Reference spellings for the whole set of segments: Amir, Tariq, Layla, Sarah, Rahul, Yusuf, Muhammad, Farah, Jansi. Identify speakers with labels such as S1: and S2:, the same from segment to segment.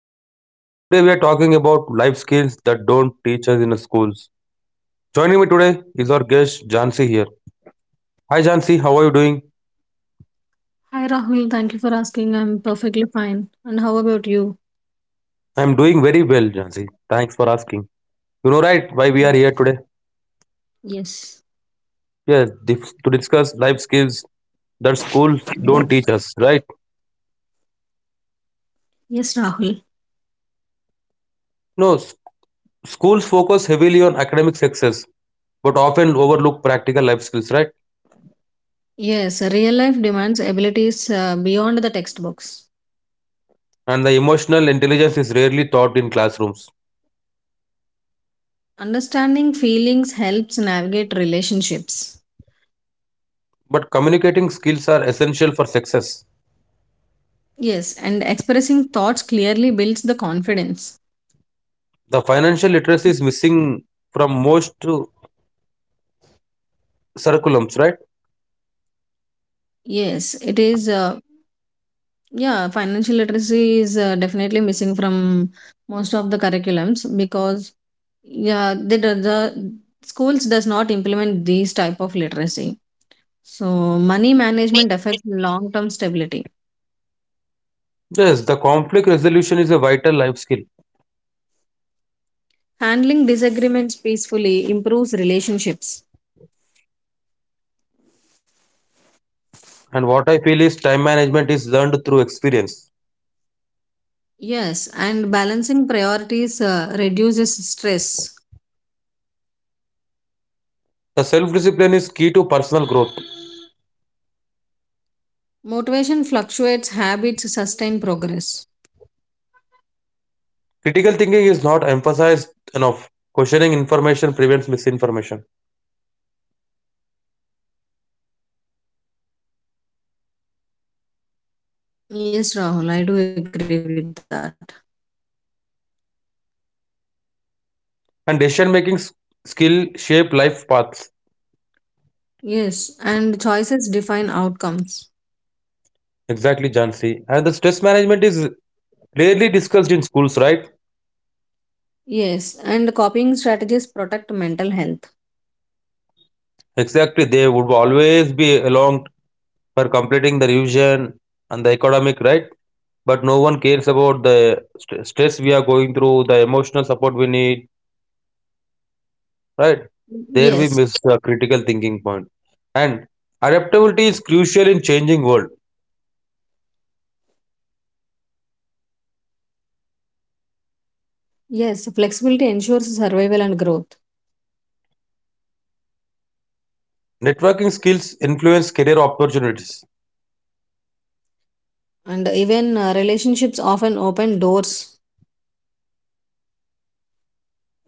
S1: here. Today we are talking about life skills that don't teach us in schools. Joining me today is our guest Jansi here. Hi Jansi, how are you doing?
S2: Hi Rahul, thank you for asking. I'm perfectly fine. And how about you?
S1: I'm doing very well, Jansi. Thanks for asking. You know right why we
S2: Mm.
S1: are here today?
S2: Yes.
S1: Yes, to discuss life skills that schools don't teach us, right?
S2: Yes, Rahul.
S1: No, s- schools focus heavily on academic success but often overlook practical life skills, right?
S2: Yes, real life demands abilities beyond the textbooks.
S1: And the emotional intelligence is rarely taught in classrooms.
S2: Understanding feelings helps navigate relationships.
S1: But communicating skills are essential for success.
S2: Yes, and expressing thoughts clearly builds the confidence.
S1: The financial literacy is missing from most curriculums, right?
S2: Yes, it is. Yeah, financial literacy is definitely missing from most of the curriculums because yeah, the schools does not implement these type of literacy. So, money management affects long term stability.
S1: Yes, the conflict resolution is a vital life skill.
S2: Handling disagreements peacefully improves relationships.
S1: And what I feel is time management is learned through experience.
S2: Yes, and balancing priorities reduces stress.
S1: The self discipline is key to personal growth.
S2: Motivation fluctuates, habits sustain progress.
S1: Critical thinking is not emphasized enough. Questioning information prevents misinformation.
S2: Yes, Rahul, I do agree with that.
S1: And decision making skill shape life paths.
S2: Yes, and choices define outcomes.
S1: Exactly, Jansi. And the stress management is rarely discussed in schools, right?
S2: Yes, and copying strategies protect mental health.
S1: Exactly, they would always be along for completing the revision and the academic, right? But no one cares about the stress we are going through, the emotional support we need, right? There we
S2: Yes,
S1: miss the critical thinking point. And adaptability is crucial in changing world.
S2: yes, flexibility ensures survival and growth.
S1: Networking skills influence career opportunities.
S2: And even relationships often open doors.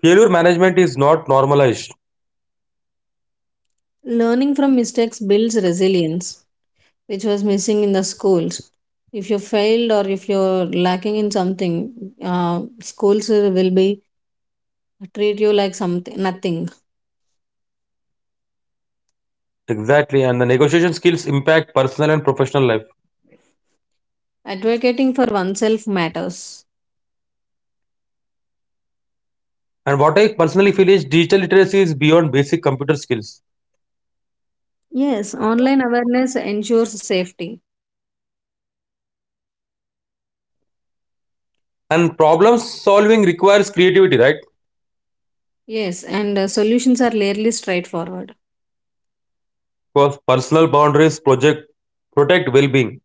S1: Failure management is not normalized.
S2: Learning from mistakes builds resilience, which was missing in the schools. If you failed or if you're lacking in something, schools will be treat you like something nothing.
S1: Exactly, and the negotiation skills impact personal and professional life.
S2: Advocating for oneself matters.
S1: And what I personally feel is digital literacy is beyond basic computer skills.
S2: Yes, online awareness ensures safety.
S1: And problem solving requires creativity, right?
S2: Yes, and solutions are rarely straightforward.
S1: Because personal boundaries project protect well-being.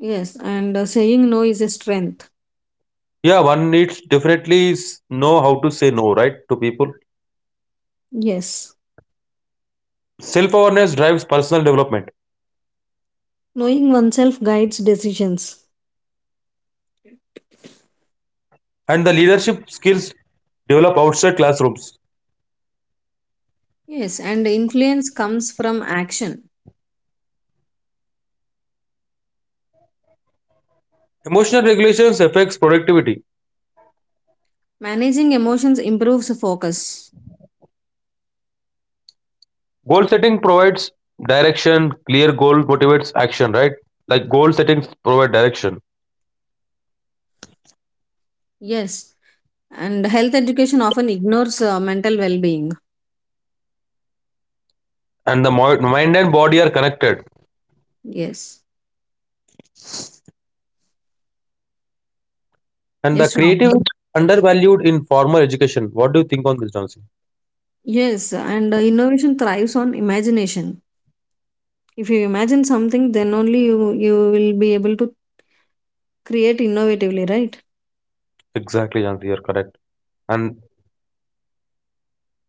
S2: Yes, and saying no is a strength.
S1: Yeah, one needs definitely know how to say no, right, to people.
S2: Yes,
S1: Self-awareness drives personal development.
S2: knowing oneself guides decisions.
S1: And the leadership skills develop outside classrooms.
S2: Yes, and influence comes from action.
S1: Emotional regulations affects productivity.
S2: Managing emotions improves focus.
S1: Goal setting provides direction. Clear goal motivates action, right? Like goal settings provide direction.
S2: Yes. And health education often ignores mental well being.
S1: And the mind and body are connected.
S2: Yes.
S1: And the
S2: Yes,
S1: creative is
S2: Ram.
S1: undervalued in formal education. What do you think on this, Jansi?
S2: Yes. And innovation thrives on imagination. If you imagine something, then only you will be able to create innovatively, right?
S1: Exactly, Jansi, you're correct. And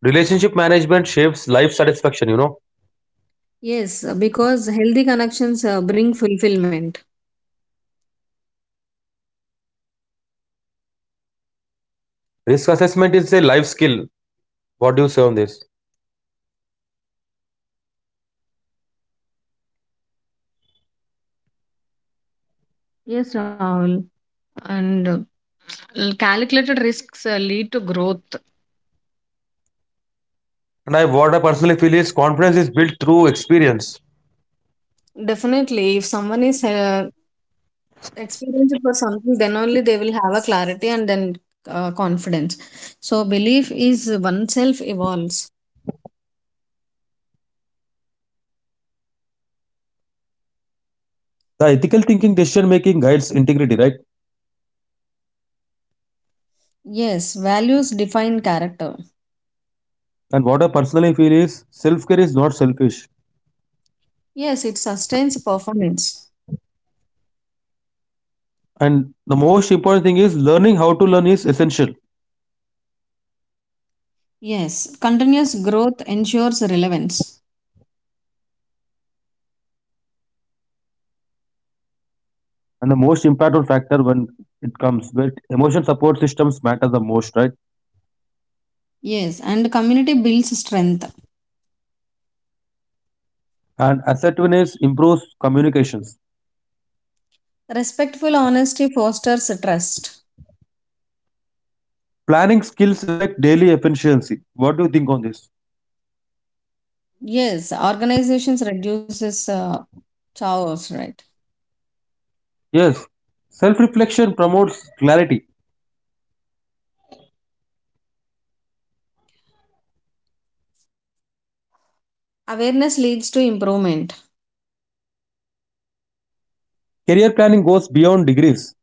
S1: relationship management shapes life satisfaction, you know.
S2: Yes. Because healthy connections bring fulfillment.
S1: Risk assessment is a life skill. What do you say on this?
S2: Yes, Rahul. And calculated risks lead to growth.
S1: And I what I personally feel is confidence is built through experience.
S2: Definitely, if someone is experienced for something, then only they will have a clarity and then confidence. So, belief is oneself evolves.
S1: The ethical thinking decision making guides integrity, right?
S2: Yes, values define character.
S1: And what I personally feel is self care is not selfish.
S2: Yes, it sustains performance.
S1: And the most important thing is learning how to learn is essential.
S2: Yes, continuous growth ensures relevance.
S1: And the most impactful factor when it comes with emotion support systems matter the most, right?
S2: Yes, and community builds strength.
S1: And assertiveness improves communications.
S2: Respectful honesty fosters trust.
S1: Planning skills affect daily efficiency. What do you think on this?
S2: Yes, organizations reduces chaos, right?
S1: Yes, self reflection promotes clarity.
S2: Awareness leads to improvement.
S1: Career planning goes beyond degrees.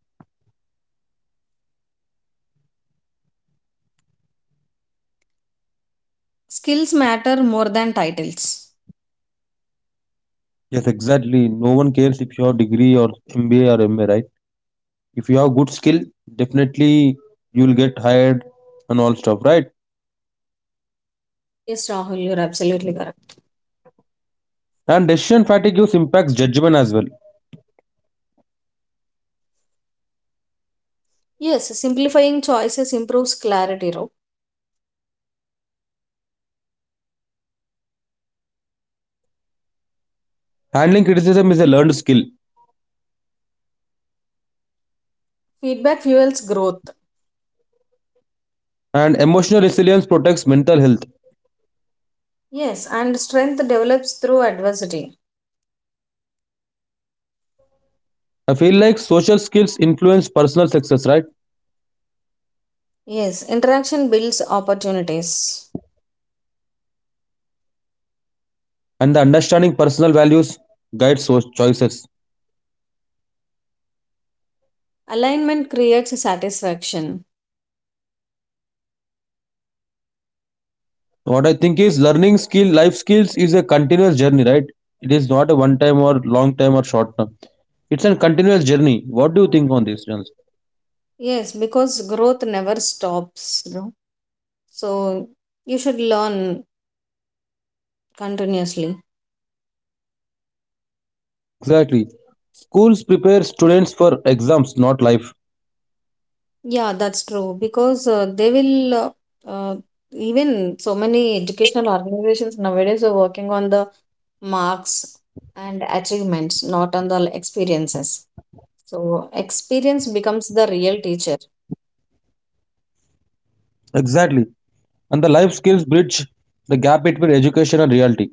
S2: Skills matter more than titles.
S1: Yes, exactly. No one cares if you have degree or MBA or MA, right? If you have good skill, definitely you will get hired and all stuff, right?
S2: Yes, Rahul, you're absolutely correct.
S1: And decision fatigue use impacts judgment as well.
S2: Yes, simplifying choices improves clarity. Ro.
S1: Handling criticism is a learned skill,
S2: Feedback fuels growth.
S1: and emotional resilience protects mental health.
S2: Yes, and strength develops through adversity.
S1: I feel like social skills influence personal success, right?
S2: Yes, interaction builds opportunities.
S1: And the understanding personal values guides choices.
S2: Alignment creates satisfaction.
S1: What I think is learning skill life skills is a continuous journey, right? It is not a one time or long time or short term, it's a continuous journey. What do you think on this, Jonas?
S2: Yes, because growth never stops. No. So you should learn continuously.
S1: Exactly. Schools prepare students for exams not life.
S2: Yeah, that's true because they will uh, even so many educational organizations nowadays are working on the marks and achievements, not on the experiences. So experience becomes the real teacher.
S1: Exactly, and the life skills bridge the gap between education and reality.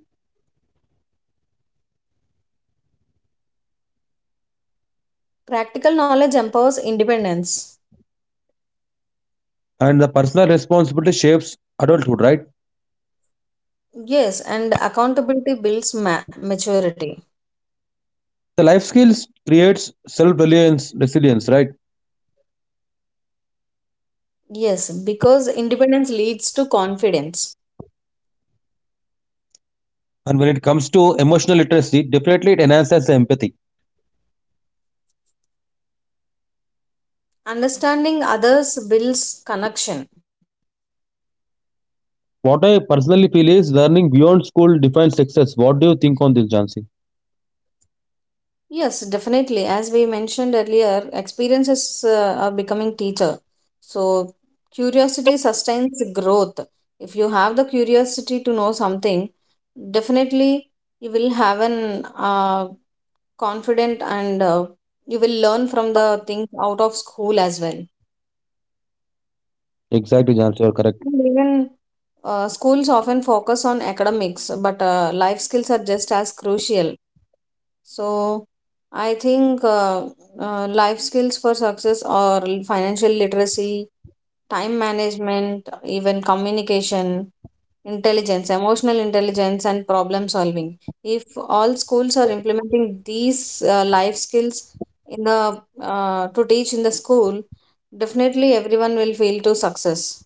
S2: Practical knowledge empowers independence.
S1: And the personal responsibility shapes adulthood, right?
S2: Yes, and accountability builds maturity.
S1: The life skills creates self-reliance resilience, right?
S2: Yes, because independence leads to confidence.
S1: And when it comes to emotional literacy, definitely it enhances empathy.
S2: Understanding others builds connection.
S1: What I personally feel is learning beyond school defines success. What do you think on this, Jansi?
S2: Yes, definitely. As we mentioned earlier, experiences are becoming teacher. So curiosity sustains growth. If you have the curiosity to know something, definitely you will have an confident and you will learn from the things out of school as well.
S1: Exactly, Jansi, you're correct.
S2: And even schools often focus on academics, but life skills are just as crucial. So I think life skills for success or financial literacy, time management, even communication, intelligence, emotional intelligence, and problem solving. If all schools are implementing these life skills in the to teach in the school, definitely everyone will feel to success.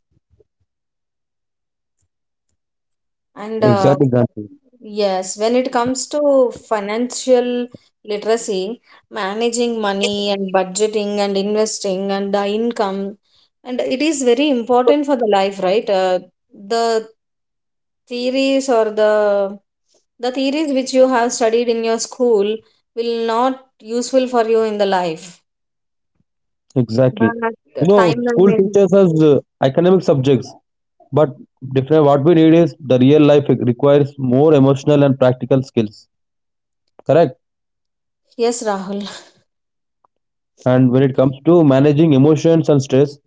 S2: And
S1: Exactly, Jansi.
S2: yes, when it comes to financial literacy, managing money and budgeting and investing and the income, and it is very important for the life, right? The theories or the theories which you have studied in your school will not useful for you in the life,
S1: Exactly. You
S2: but
S1: know,
S2: time
S1: school
S2: management.
S1: teaches us academic subjects, but different. What we need is the real life, it requires more emotional and practical skills. Correct.
S2: Yes, Rahul.
S1: And when it comes to managing emotions and stress,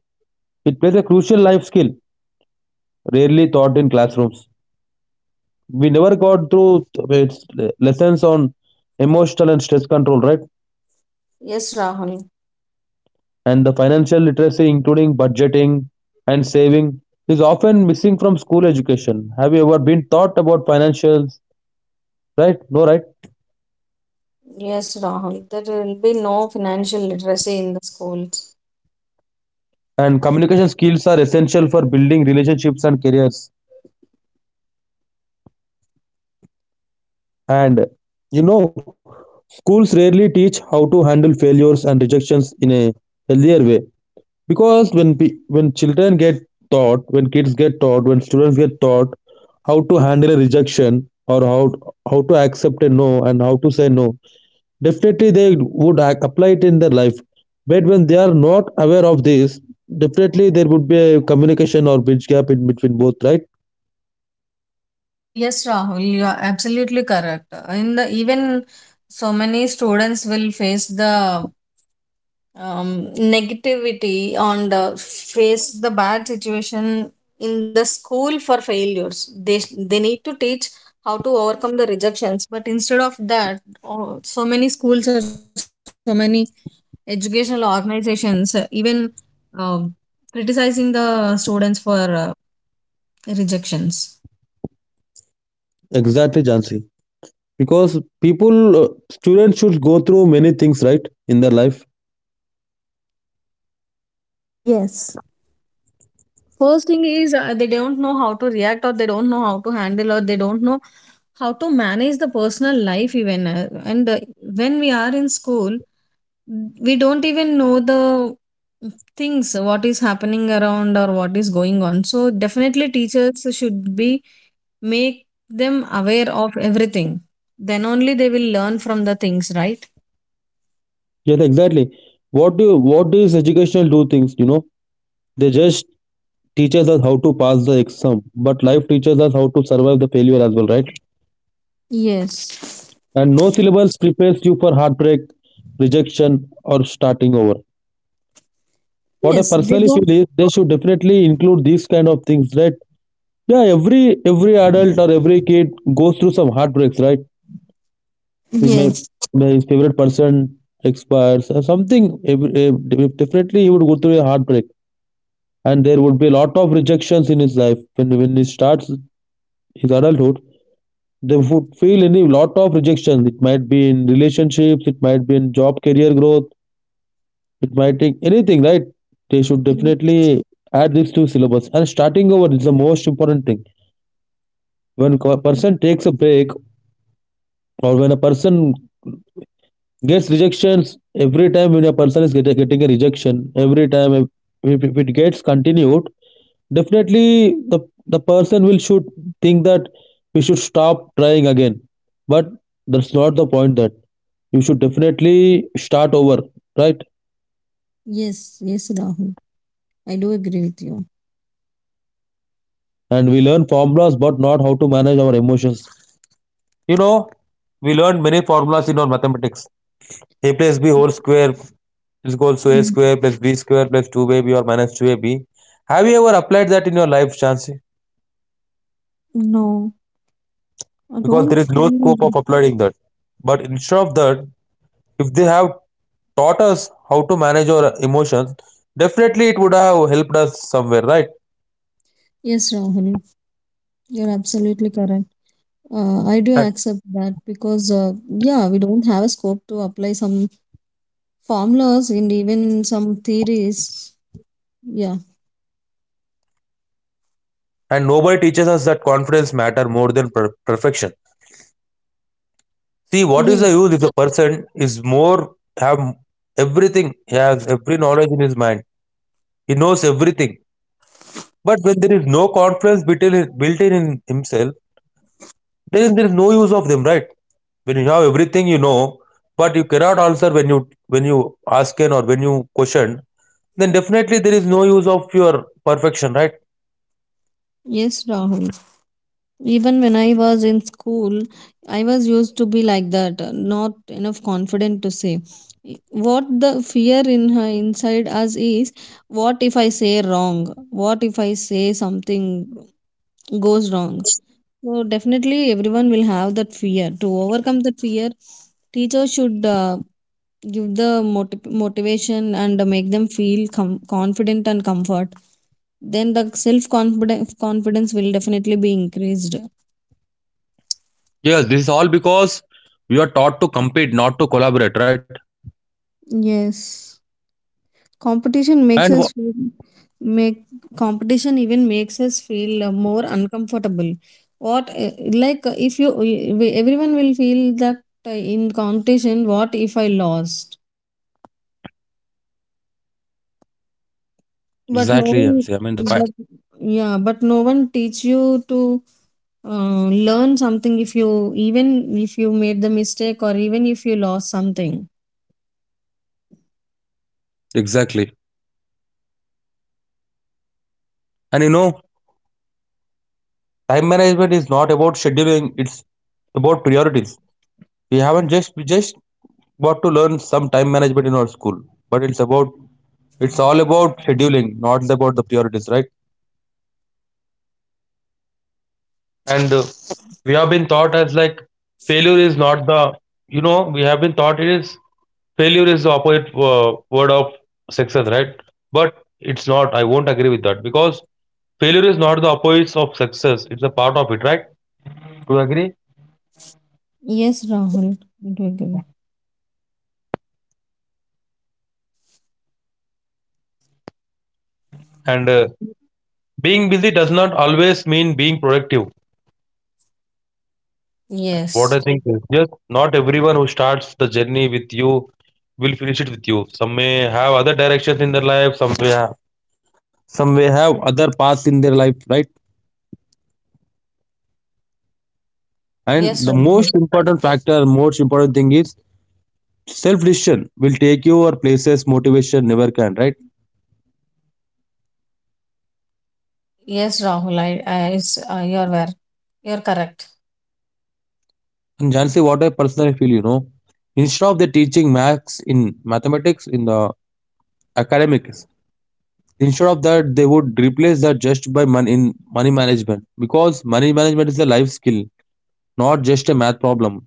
S1: it plays a crucial life skill rarely taught in classrooms. We never got through its lessons on emotional and stress control, right?
S2: Yes, Rahul.
S1: And the financial literacy, including budgeting and saving, is often missing from school education. Have you ever been taught about financials, right? No, right?
S2: Yes, Rahul, there will be no financial literacy in the schools.
S1: And communication skills are essential for building relationships and careers. And you know, schools rarely teach how to handle failures and rejections in a healthier way, because when when children get taught, when kids get taught, when students get taught how to handle a rejection, or how to accept a no and how to say no, definitely they would apply it in their life. But when they are not aware of this, definitely there would be a communication or bridge gap in between both, right?
S2: Yes, Rahul, you are absolutely correct. In the even so many students will face the negativity and face the bad situation in the school for failures. They need to teach how to overcome the rejections, but instead of that, oh, so many schools or so many educational organizations even um, criticizing the students for rejections.
S1: Exactly, Jansi. Because people students should go through many things right in their life.
S2: Yes. First thing is they don't know how to react or they don't know how to handle or they don't know how to manage the personal life even, and when we are in school we don't even know the things what is happening around or what is going on. So definitely teachers should be make them aware of everything, then only they will learn from the things, right?
S1: Yes, exactly. What do, what is educational do things, you know, they just teaches us how to pass the exam, but life teaches us how to survive the failure as well, right?
S2: Yes.
S1: And no syllabus prepares you for heartbreak, rejection, or starting over. What I
S2: Yes, they
S1: personally
S2: don't.
S1: feel is they should definitely include these kind of things, right? Yeah, every adult or every kid goes through some heartbreaks, right? He
S2: Yes.
S1: may his favorite person expires or something. Every, eh, definitely, he would go through a heartbreak, and there would be a lot of rejections in his life when he starts his adulthood. They would feel any lot of rejection, it might be in relationships, it might be in job career growth, it might take anything, right? They should definitely
S2: Yes.
S1: add this to syllabus. And starting over is the most important thing. When a person takes a break, or when a person gets rejections, every time when a person is getting a rejection, every time, if it gets continued, definitely the person will should think that we should stop trying again, but that's not the point. That you should definitely start over, right?
S2: Yes, yes, Rahul. I do agree with you.
S1: And we learn formulas but not how to manage our emotions. You know, we learned many formulas in our mathematics. A plus b whole square is equal to a
S2: Mm.
S1: square plus b square plus 2ab or minus 2ab. Have you ever applied that in your life, chancy?
S2: No, I
S1: Because there
S2: don't
S1: is no
S2: feel.
S1: scope of applying that, but instead of that, if they have taught us how to manage our emotions, definitely it would have helped us somewhere, right?
S2: Yes, Rahul, you're absolutely correct. I do accept that because, yeah, we don't have a scope to apply some formulas and even some theories. Yeah,
S1: And nobody teaches us that confidence matter more than perfection. See, what is
S2: yeah,
S1: the use if the person is more have everything, he has every knowledge in his mind, he knows everything. But when there is no confidence built in in himself, then there is no use of them, right? When you have everything you know, but you cannot answer when you ask an or when you question, then definitely there is no use of your perfection, right?
S2: yes, Rahul. Even when I was in school, I was used to be like that, not enough confident to say. What the fear in her inside us is. What if I say wrong? What if I say something goes wrong? So definitely everyone will have that fear. To overcome that fear, teacher should give the motivation and make them feel confident and comfort. Then the self confidence will definitely be increased.
S1: Yes, this is all because we are taught to compete, not to collaborate, right?
S2: Yes. Competition
S1: And
S2: makes us feel, make competition even makes us feel more uncomfortable. What, like, if you everyone will feel that in competition, what if I lost?
S1: exactly,
S2: But no
S1: MC. I mean the
S2: one, but yeah, but no one teach you to learn something if you, even if you made the mistake or even if you lost something.
S1: exactly. And you know, time management is not about scheduling, it's about priorities. We haven't just we just got to learn some time management in our school. But it's about, it's all about scheduling, not about the priorities, right? And we have been taught as like failure is not the, you know, we have been taught it is failure is the opposite word of success, right? But it's not, I won't agree with that, because failure is not the opposite of success, it's a part of it, right? Do you agree?
S2: Yes, Rahul. I do agree.
S1: And being busy does not always mean being productive. What
S2: Yes.
S1: I think is yes, not everyone who starts the journey with you will finish it with you. Some may have other directions in their life, some may have other paths in their life, right? And
S2: Yes,
S1: the most
S2: Rahul.
S1: important factor, most important thing is self decision will take you or places, motivation never can, right?
S2: Yes, Rahul. I it's, you're where You're correct.
S1: And Jansi, what I personally feel, you know, instead of the teaching maths in mathematics in the academics, instead of that they would replace that just by money in money management, because money management is a life skill, not just a math problem.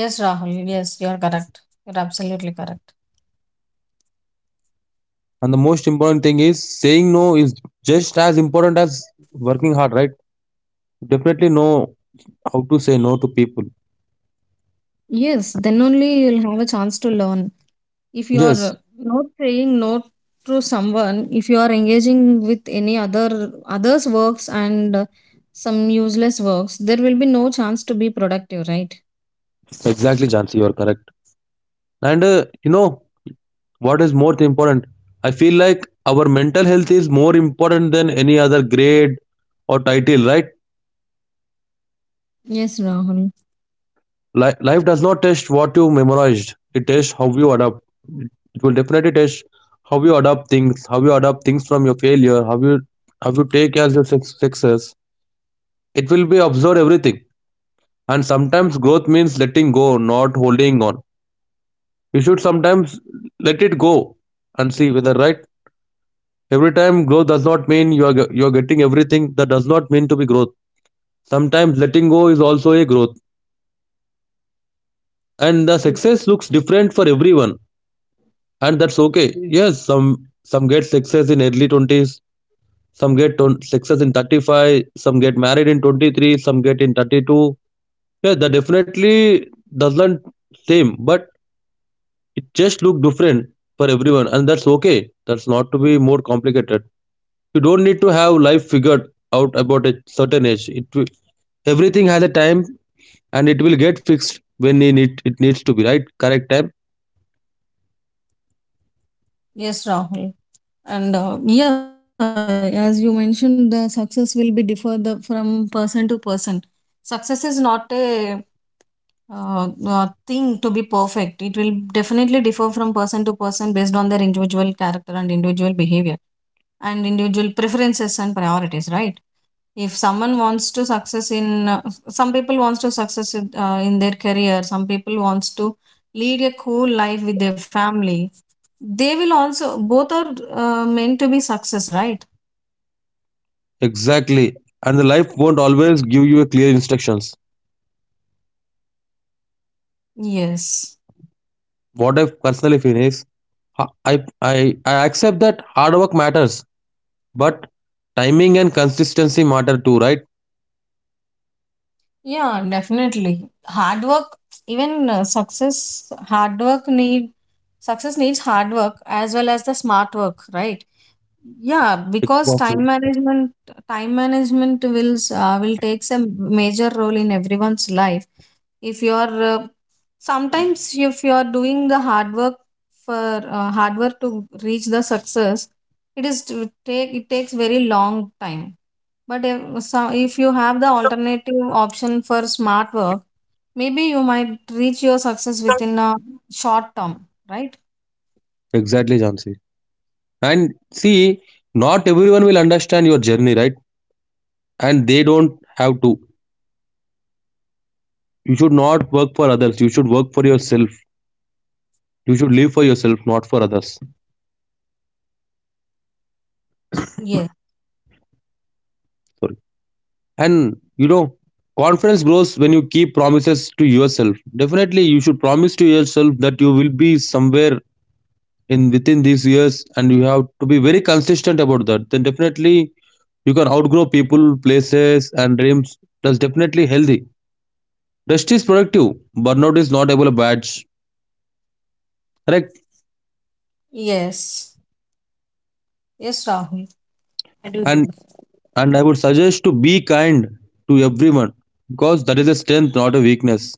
S2: Yes, Rahul, yes, you're correct. You're absolutely correct.
S1: And the most important thing is saying no is just as important as working hard, right? Definitely no how to say no to people.
S2: Yes, then only you'll have a chance to learn. If you are
S1: Yes,
S2: not saying no to someone, if you are engaging with any other others works and some useless works, there will be no chance to be productive, right?
S1: exactly, Jansi, you are correct. And you know, what is more important? I feel like our mental health is more important than any other grade or title, right?
S2: Yes, Rahul.
S1: Life does not test what you memorized; it tests how you adapt. It will definitely test how you adapt things, how you adapt things from your failure, how you take as your success. It will be observe everything. And sometimes growth means letting go, not holding on. You should sometimes let it go and see whether right. Every time growth does not mean you are you are getting everything. That does not mean to be growth. Sometimes letting go is also a growth, and the success looks different for everyone, and that's okay. Yes, some get success in early 20s, some get success in 35, some get married in 23, some get in 32. Yeah, that definitely doesn't same, but it just look different for everyone, and that's okay. That's not to be more complicated. You don't need to have life figured out about a certain age everything has a time and it will get fixed when it needs to be right correct time.
S2: Yes, Rahul. And yeah, as you mentioned, the success will be differ from person to person. Success is not a thing to be perfect. It will definitely differ from person to person based on their individual character and individual behavior and individual preferences and priorities, right? if someone wants to success in Some people wants to success in their career, some people wants to lead a cool life with their family. They will also both are meant to be success, right?
S1: Exactly. And the life won't always give you a clear instructions.
S2: Yes.
S1: What I personally feel is i i I accept that hard work matters, but timing and consistency matter too, right?
S2: Yeah, definitely. Hard work, even success, hard work need success needs hard work as well as the smart work, right? Yeah, because
S1: Exactly.
S2: time management will takes a major role in everyone's life. If you are sometimes if you are doing the hard work for hard work to reach the success, it takes very long time. But if, So if you have the alternative option for smart work, maybe you might reach your success within a short term, right?
S1: Exactly, jansi. And see, not everyone will understand your journey, right? And they don't have to. You should not work for others, you should work for yourself. You should live for yourself, not for others.
S2: Yes.
S1: Sorry. And you know confidence grows when you keep promises to yourself. Definitely you should promise to yourself that you will be somewhere in within these years, and you have to be very consistent about that. Then definitely you can outgrow people, places and dreams. That's definitely healthy. Rest is productive. Burnout is not able a badge. Correct.
S2: Yes. Yes, Rahul. I do
S1: and
S2: believe.
S1: And I would suggest to be kind to everyone, because that is a strength, not a weakness.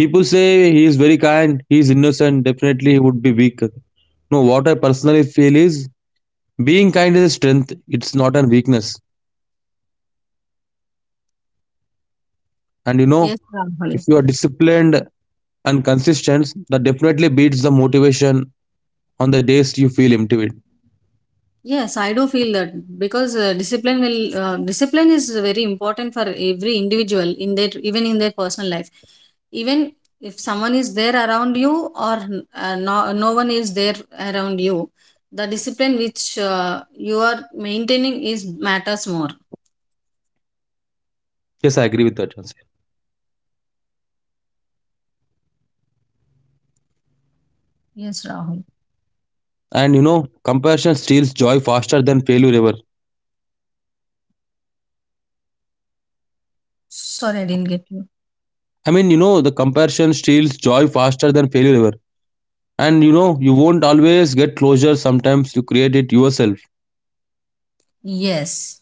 S1: People say he is very kind, he is innocent, definitely he would be weak. No, what I personally feel is being kind is a strength, it's not a weakness. And you
S2: Yes,
S1: know, if
S2: Rahul.
S1: you are disciplined and consistent, that definitely beats the motivation on the days you feel empty.
S2: Yes, I do feel that because discipline is very important for every individual in their, even in their personal life. Even if someone is there around you or no, no one is there around you, the discipline which you are maintaining is matters more.
S1: Yes, I agree with that. Jansi.
S2: Yes, Rahul.
S1: And you know, compassion steals joy faster than failure ever.
S2: Sorry, I didn't get you.
S1: I mean, you know, the compassion steals joy faster than failure ever. And you know, you won't always get closure, sometimes you create it yourself.
S2: Yes.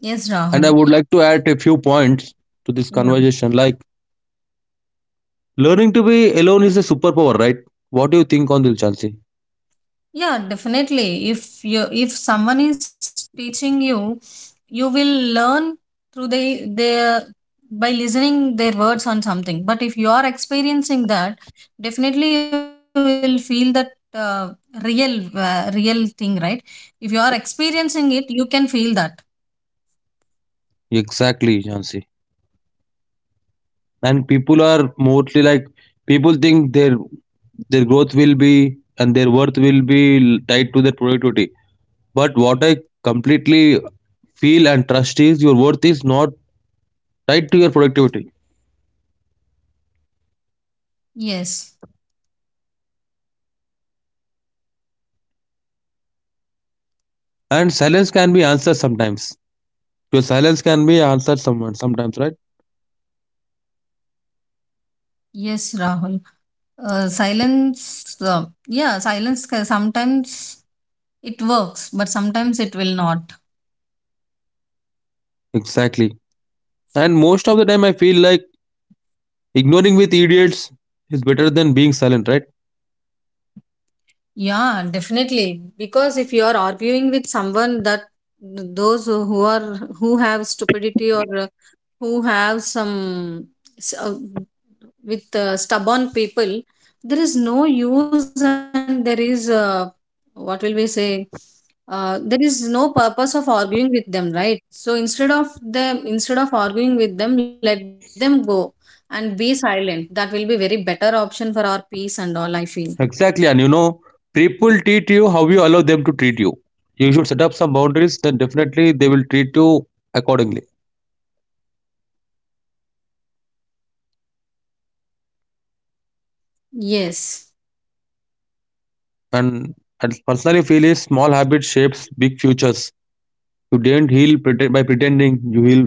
S2: Yes,
S1: And I
S2: Rahul.
S1: would like to add a few points to this
S2: Yeah.
S1: conversation, like learning to be alone is a superpower, right? What do you think on this, Jansi?
S2: Yeah, definitely. If someone is teaching you will learn through they their, by listening their words on something. But if you are experiencing that, definitely you will feel that real thing, right? If you are experiencing it, you can feel that.
S1: Exactly, Jansi. And people are mostly like, people think their growth will be and their worth will be tied to their productivity. But what I completely feel and trust is your worth is not tied to your productivity.
S2: Yes.
S1: And silence can be answered sometimes. Your silence can be answered someone sometimes, right?
S2: Yes, Rahul. Silence, yeah, silence sometimes it works, but sometimes it will not.
S1: Exactly. And most of the time, I feel like ignoring with idiots is better than being silent, right?
S2: Yeah, definitely. Because if you are arguing with someone that those who have stupidity or who have some s- uh, with stubborn people, there is no use and there is, what will we say? There is no purpose of arguing with them, right? So instead of arguing with them, let them go and be silent. That will be very better option for our peace and all, I feel.
S1: Exactly. And you know, people treat you how you allow them to treat you. You should set up some boundaries, then definitely they will treat you accordingly.
S2: Yes.
S1: And I personally feel is small habit shapes big futures. You didn't by pretending, you heal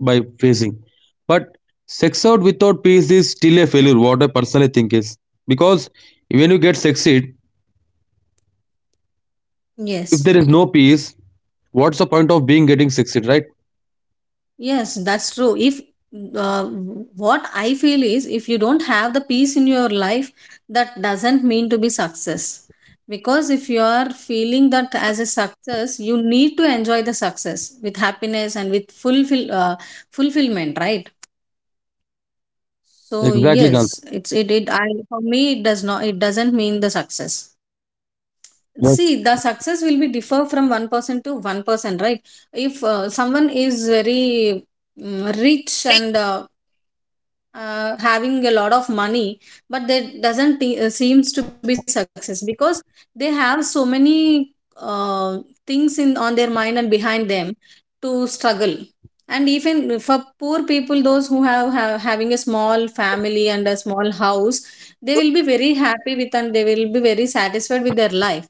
S1: by facing. But sex out without peace is still a failure, what I personally think is. Because when you get succeed,
S2: Yes.
S1: if there is no peace, what's the point of being getting succeed, right?
S2: Yes, that's true. If mm, what I feel is, if you don't have the peace in your life, that doesn't mean to be success. Because if you are feeling that as a success, you need to enjoy the success with happiness and with fulfillment, right? So yes, it's
S1: Exactly,
S2: it,
S1: Gansi.
S2: it I for me it doesn't mean the success. See,
S1: Yes,
S2: the success will be differ from one person to one person, right? If someone is very rich and having a lot of money, but that doesn't seems to be success because they have so many uh, things in on their mind and behind them to struggle. And even for poor people, those who have having a small family and a small house, they will be very happy with and they will be very satisfied with their life.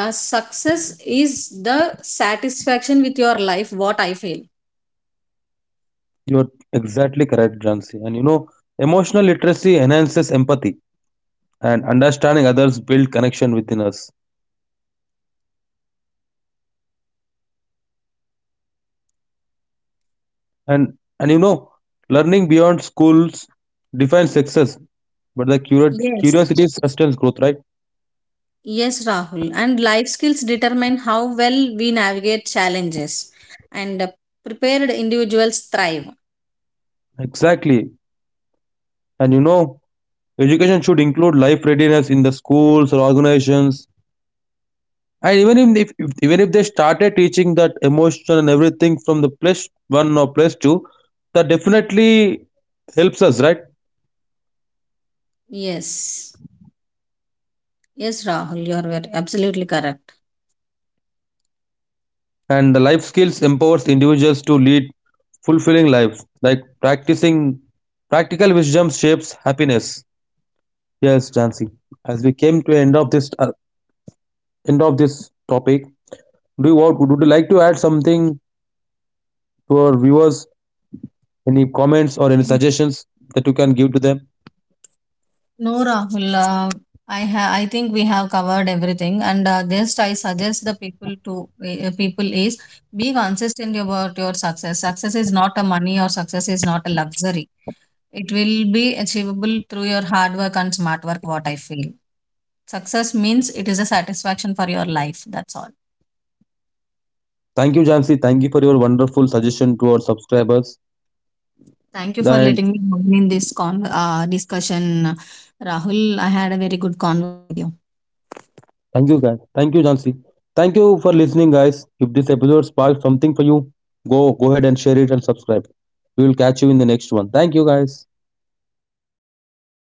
S2: The success is the satisfaction with your life, what I feel.
S1: you're exactly correct, Gansi. And you know, emotional literacy enhances empathy and understanding others build connection within us. And you know, learning beyond schools defines success, but the
S2: Yes.
S1: curiosity sustains growth, right?
S2: Yes, Rahul. And life skills determine how well we navigate challenges, and prepared individuals thrive.
S1: Exactly. And you know, education should include life readiness in the schools or organizations. And even if even if they started teaching that emotion and everything from the plus place one or place plus two, that definitely helps us, right?
S2: Yes. Yes, Rahul, you are absolutely correct.
S1: And the life skills empowers individuals to lead fulfilling lives. Like practicing practical wisdom shapes happiness. Yes, Jansi. As we came to end of this topic, do would you like to add something to our viewers, any comments or any suggestions that you can give to them.
S2: No, Rahul. I have. I think we have covered everything, and just I suggest the people to people is be consistent about your success. Success is not a money or success is not a luxury. It will be achievable through your hard work and smart work, what I feel. Success means it is a satisfaction for your life. That's all.
S1: Thank you, Jansi. Thank you for your wonderful suggestion to our subscribers.
S2: Thank you for
S1: And
S2: letting me join in this discussion, Rahul. I had a very good convo with you.
S1: thank you, guys. Thank you, Jansi. Thank you for listening, guys. If this episode sparked something for you, go ahead and share it and subscribe. We will catch you in the next one. Thank you, guys.